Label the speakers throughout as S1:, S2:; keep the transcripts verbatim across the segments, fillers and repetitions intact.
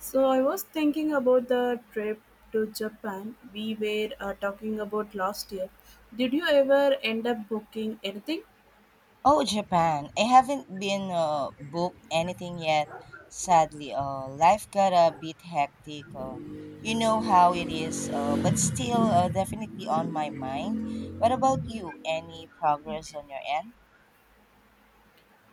S1: So I was thinking about the trip to Japan we were uh, talking about last year. Did you ever end up booking anything?
S2: Oh, Japan. I haven't been uh, booked anything yet. Sadly, uh, life got a bit hectic. Uh, you know how it is, uh, but still uh, definitely on my mind. What about you? Any progress on your end?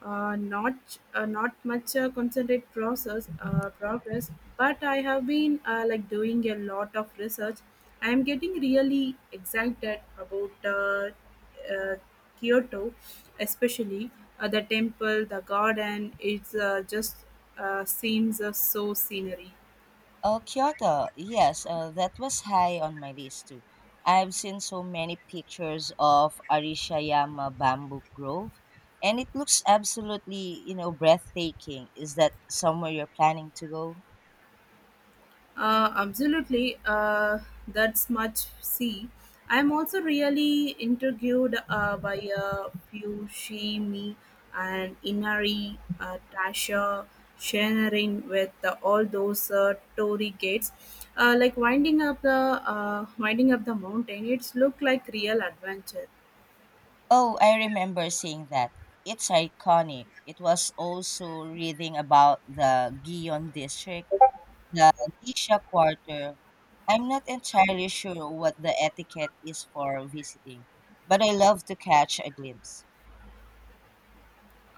S1: Uh, not uh, not much uh, concentrate process uh, progress, but I have been uh, like doing a lot of research. I am getting really excited about uh, uh, Kyoto, especially uh, the temple, the garden. It's uh, just uh, seems uh, so scenery.
S2: Oh, Kyoto. Yes, uh, that was high on my list too. I've seen so many pictures of Arishayama Bamboo Grove, and it looks absolutely, you know, breathtaking. Is that somewhere you're planning to go?
S1: Uh, absolutely. Uh, that's much. See, I'm also really intrigued uh, by a few Shimi and Inari, uh, Tasha, sharing with uh, all those uh, Tory gates, uh, like winding up the uh, winding up the mountain. It's look like real adventure.
S2: Oh, I remember seeing that. It's iconic. It was also reading about the Gion district, the Gisha quarter. I'm not entirely sure what the etiquette is for visiting, but I love to catch a glimpse.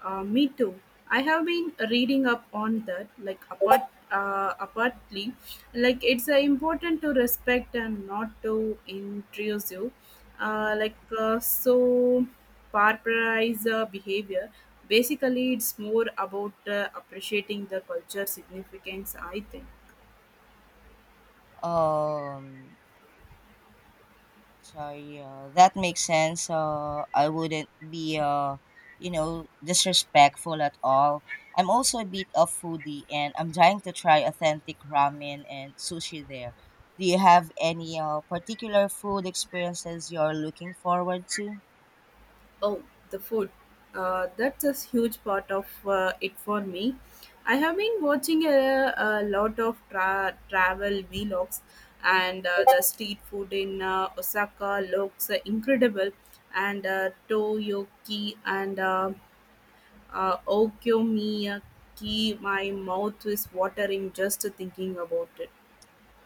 S1: Uh, me too. I have been reading up on that, like apart, uh, apartly, like it's uh, important to respect and not to intrusive, uh,
S2: Mhm.
S1: like uh, so paraphrase uh, behavior. Basically, it's more about uh, appreciating the culture significance, I think.
S2: Um, Sorry, uh, that makes sense. Uh, I wouldn't be, uh, you know, disrespectful at all. I'm also a bit of foodie, and I'm trying to try authentic ramen and sushi there. Do you have any uh, particular food experiences you're looking forward to?
S1: Oh, the food. Uh, that's a huge part of uh, it for me. I have been watching a, a lot of tra- travel vlogs, and uh, the street food in uh, Osaka looks uh, incredible. And uh, Toyoki and uh, uh, Okonomiyaki, my mouth is watering just thinking about it.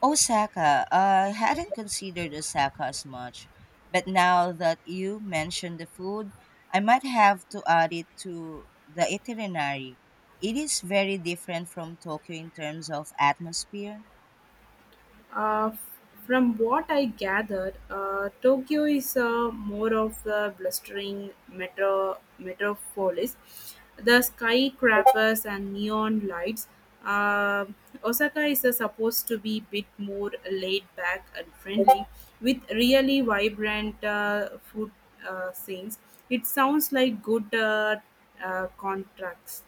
S2: Osaka. uh, I hadn't considered Osaka as much, but now that you mentioned the food, I might have to add it to the itinerary. It is very different from Tokyo in terms of atmosphere.
S1: Uh, f- from what I gathered, uh, Tokyo is uh, more of a blustering metro metropolis. The skyscrapers and neon lights. Uh, Osaka is uh, supposed to be a bit more laid back and friendly, with really vibrant uh, food uh, scenes. It sounds like good uh, uh, contracts.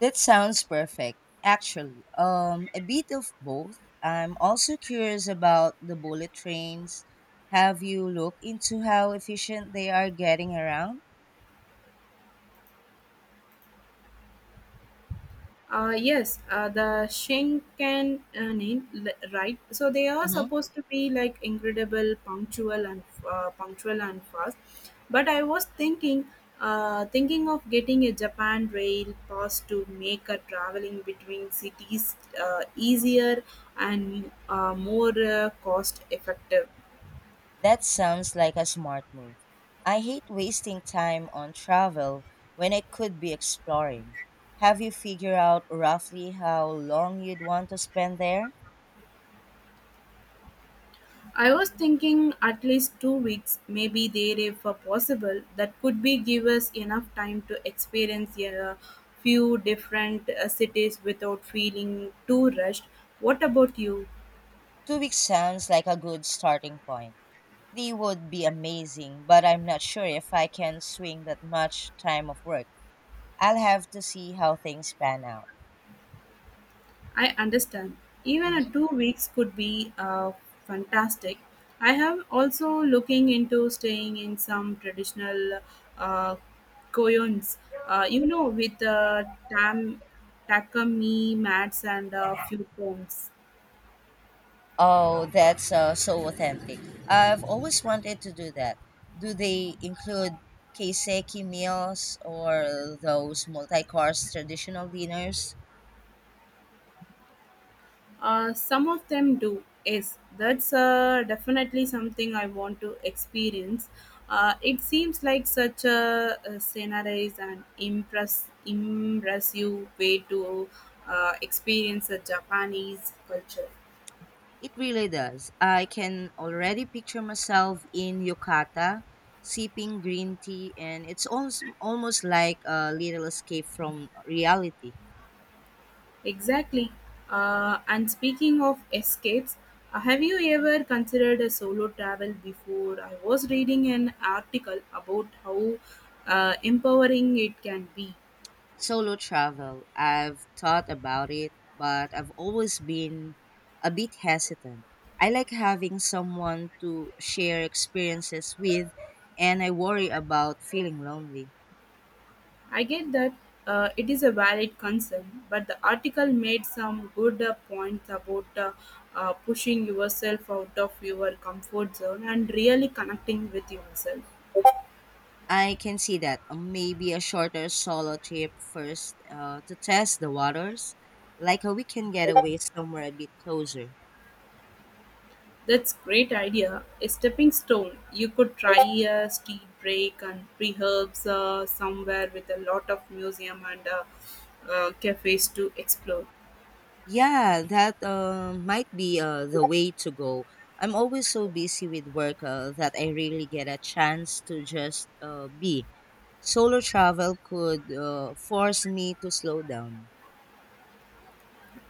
S2: That sounds perfect. Actually, um, a bit of both. I'm also curious about the bullet trains. Have you looked into how efficient they are getting around?
S1: Uh, yes, uh, the Shinkansen, li- right? So they are
S2: Mm-hmm.
S1: supposed to be like incredible, punctual and uh, punctual and fast. But I was thinking, uh, thinking of getting a Japan Rail pass to make a traveling between cities uh, easier and uh, more uh, cost effective.
S2: That sounds like a smart move. I hate wasting time on travel when I could be exploring. Have you figured out roughly how long you'd want to spend there?
S1: I was thinking at least two weeks, maybe there if uh, possible. That could be give us enough time to experience a few different uh, cities without feeling too rushed. What about you?
S2: Two weeks sounds like a good starting point. Three would be amazing, but I'm not sure if I can swing that much time of work. I'll have to see how things pan out.
S1: I understand. Even a two weeks could be uh, fantastic. I have also looking into staying in some traditional uh, koyons. Uh, you know, with uh, tam, takami mats and a few cones.
S2: Oh, that's uh, so authentic. I've always wanted to do that. Do they include keiseki meals or those multi-course traditional dinners?
S1: Uh, some of them do. Yes, that's uh, definitely something I want to experience. Uh, it seems like such a, a scenarized and impress impressive way to uh, experience a Japanese culture.
S2: It really does. I can already picture myself in yukata, sipping green tea, and it's almost, almost like a little escape from reality.
S1: Exactly. Uh, and speaking of escapes, uh, have you ever considered a solo travel before? I was reading an article about how uh, empowering it can be.
S2: Solo travel. I've thought about it, but I've always been a bit hesitant. I like having someone to share experiences with, and I worry about feeling lonely.
S1: I get that uh, it is a valid concern, but the article made some good uh, points about uh, uh, pushing yourself out of your comfort zone and really connecting with yourself.
S2: I can see that. Uh, Maybe a shorter solo trip first uh, to test the waters, like a weekend getaway somewhere a bit closer.
S1: That's great idea. A stepping stone. You could try a tea break and pre herbs uh, somewhere with a lot of museum and uh, uh, cafes to explore.
S2: Yeah, that uh, might be uh, the way to go. I'm always so busy with work uh, that I rarely get a chance to just uh, be. Solo travel could uh, force me to slow down.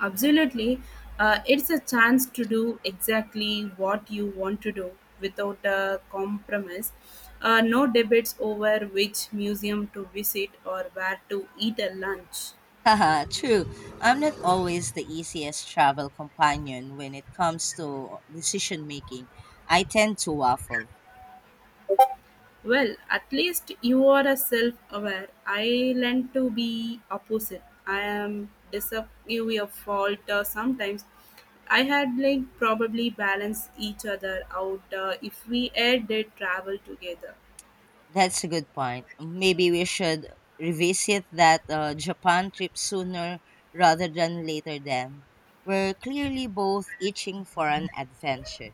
S1: Absolutely. Uh, it's a chance to do exactly what you want to do without a compromise. Uh, no debates over which museum to visit or where to eat a lunch.
S2: Haha, true. I'm not always the easiest travel companion when it comes to decision making. I tend to waffle.
S1: Well, at least you are a self aware. I learn to be opposite. I am disappointed of fault uh, sometimes. I had like probably balance each other out uh, if we ever did travel together.
S2: That's a good point. Maybe we should revisit that uh, Japan trip sooner rather than later then. We're clearly both itching for an adventure.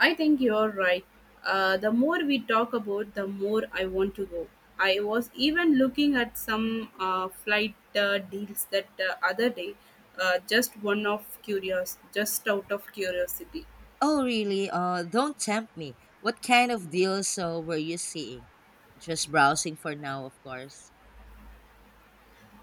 S1: I think you're right. Uh, the more we talk about, the more I want to go. I was even looking at some uh, flight uh, deals that uh, other day, uh, just one of curious, just out of curiosity.
S2: Oh, really? Uh, don't tempt me. What kind of deals uh, were you seeing? Just browsing for now, of course.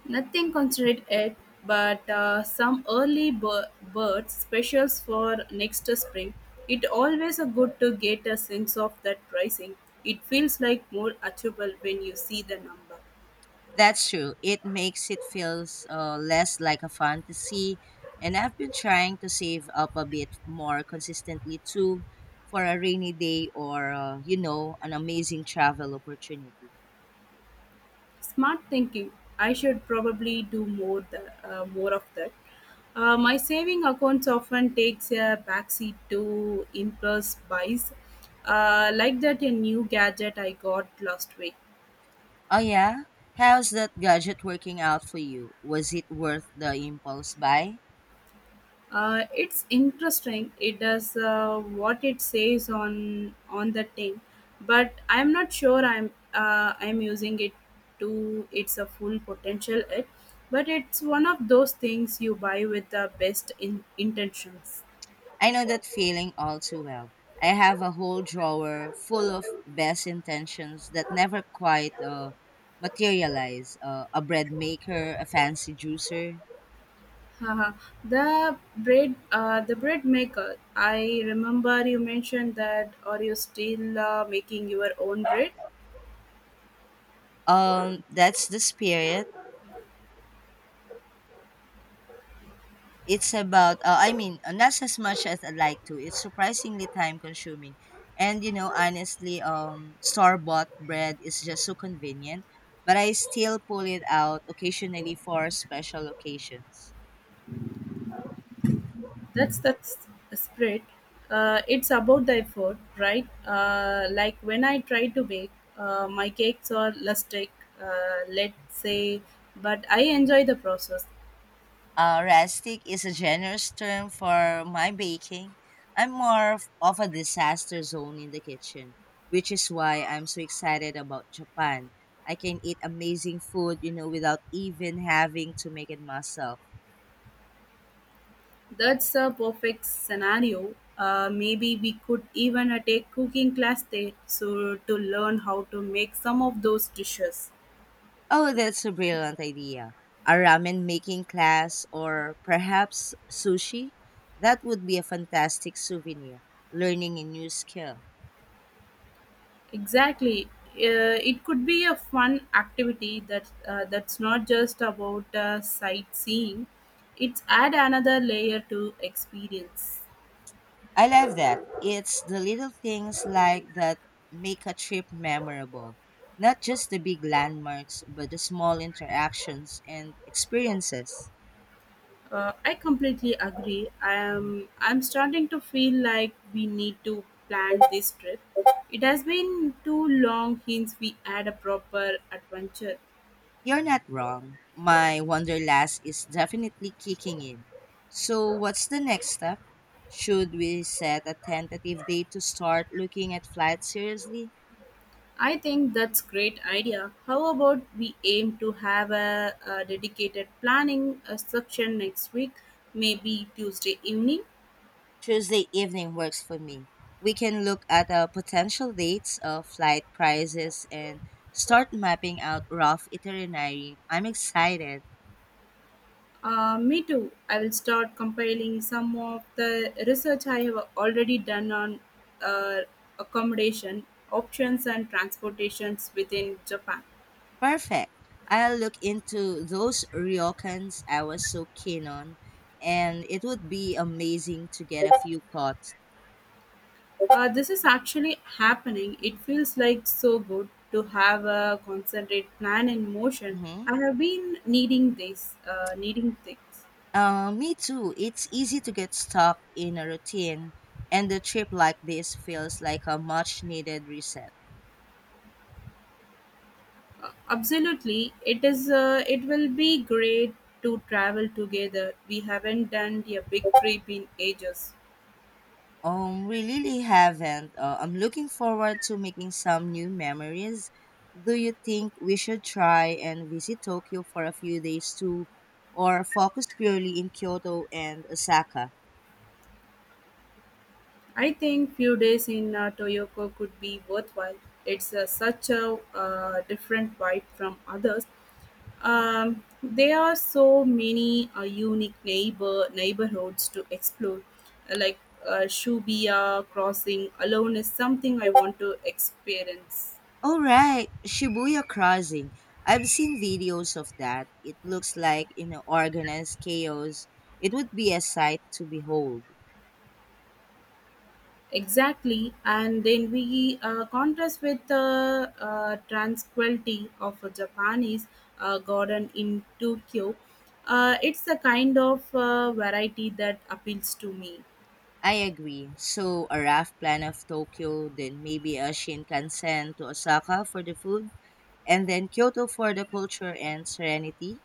S1: Nothing considered yet, but uh, some early bir- bird specials for next spring. It always a good to get a sense of that pricing. It feels like more achievable when you see the number.
S2: That's true. It makes it feels uh, less like a fantasy, and I've been trying to save up a bit more consistently too for a rainy day or uh, you know an amazing travel opportunity.
S1: Smart thinking. I should probably do more the, uh, more of that. Uh, my saving accounts often takes a backseat to impulse buys, uh, like that a new gadget I got last week.
S2: Oh yeah, how's that gadget working out for you? Was it worth the impulse buy?
S1: Uh, it's interesting. It does uh, what it says on on the thing, but I'm not sure I'm uh, I'm using it to its a full potential. It, but it's one of those things you buy with the best in intentions.
S2: I know that feeling all too well. I have a whole drawer full of best intentions that never quite uh, materialize. Uh, a bread maker, a fancy juicer.
S1: Haha. The bread, uh, the bread maker. I remember you mentioned that. Are you still uh, making your own bread?
S2: Um, that's the spirit. It's about, uh, I mean, uh, not as much as I'd like to. It's surprisingly time consuming. And, you know, honestly, um, store bought bread is just so convenient, but I still pull it out occasionally for special occasions.
S1: That's that's spirit. Uh, it's about the effort, right? Uh, like when I try to bake, uh, my cakes are lustic, uh, let's say, but I enjoy the process.
S2: Uh, rustic is a generous term for my baking. I'm more of, of a disaster zone in the kitchen, which is why I'm so excited about Japan. I can eat amazing food, you know, without even having to make it myself.
S1: That's a perfect scenario. Uh, maybe we could even uh, take cooking class there so to learn how to make some of those dishes.
S2: Oh, that's a brilliant idea. A ramen making class or perhaps sushi? That would be a fantastic souvenir, learning a new skill.
S1: Exactly. Uh, it could be a fun activity that uh, that's not just about uh, sightseeing. It's add another layer to experience.
S2: I love that. It's the little things like that make a trip memorable. Not just the big landmarks, but the small interactions and experiences.
S1: Uh, I completely agree. I'm I'm starting to feel like we need to plan this trip. It has been too long since we had a proper adventure.
S2: You're not wrong. My wanderlust is definitely kicking in. So, what's the next step? Should we set a tentative date to start looking at flights seriously?
S1: I think that's great idea. How about we aim to have a, a dedicated planning uh section next week, maybe Tuesday evening?
S2: Tuesday evening works for me. We can look at uh, potential dates, uh, flight prices, and start mapping out rough itinerary. I'm excited.
S1: Uh, me too. I will start compiling some of the research I have already done on uh, accommodation options and transportations within Japan.
S2: Perfect. I'll look into those ryokans I was so keen on, and it would be amazing to get a few cuts.
S1: Uh, this is actually happening. It feels like so good to have a concentrate plan in motion.
S2: Hmm.
S1: I have been needing this, uh, needing things.
S2: Uh, me too. It's easy to get stuck in a routine, and the trip like this feels like a much needed reset.
S1: Uh, absolutely, it is. Uh, it will be great to travel together. We haven't done a big trip in ages.
S2: Um, we really haven't. Uh, I'm looking forward to making some new memories. Do you think we should try and visit Tokyo for a few days too, or focus purely in Kyoto and Osaka?
S1: I think few days in uh, Toyoko could be worthwhile. It's uh, such a uh, different vibe from others. Um, there are so many uh, unique neighbor neighborhoods to explore, Uh, like uh, Shubia Crossing alone is something I want to experience.
S2: All right, Shibuya Crossing. I've seen videos of that. It looks like you know organized chaos. It would be a sight to behold.
S1: Exactly, and then we uh, contrast with the uh, tranquility of a Japanese uh, garden in Tokyo. Uh, it's the kind of uh, variety that appeals to me.
S2: I agree. So a rough plan of Tokyo, then maybe a Shinkansen to Osaka for the food and then Kyoto for the culture and serenity.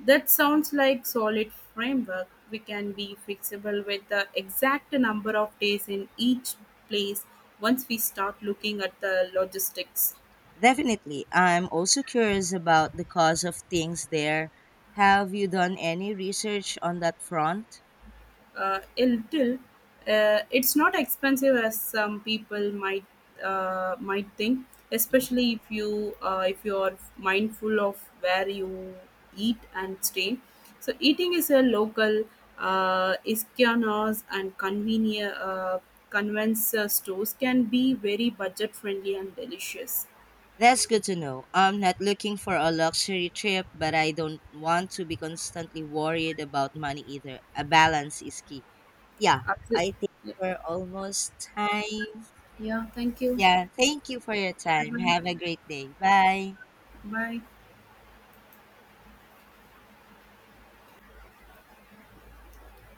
S1: That sounds like solid framework. We can be flexible with the exact number of days in each place once we start looking at the logistics.
S2: Definitely. I'm also curious about the cost of things there. Have you done any research on that front?
S1: Uh, a little. Uh, it's not expensive as some people might uh, might think,
S2: Hmm.
S1: especially if you uh, if you are mindful of where you eat and stay. So eating is a local uh, iskianos and convenient uh, convenience uh, stores can be very budget friendly and delicious.
S2: That's good to know. I'm not looking for a luxury trip, but I don't want to be constantly worried about money either. A balance is key. Yeah, I
S1: Absolutely.
S2: think we're almost time.
S1: Yeah. Thank you.
S2: Yeah, thank you for your
S1: Bye.
S2: time.
S1: Bye.
S2: Have a great day. Bye.
S1: Bye.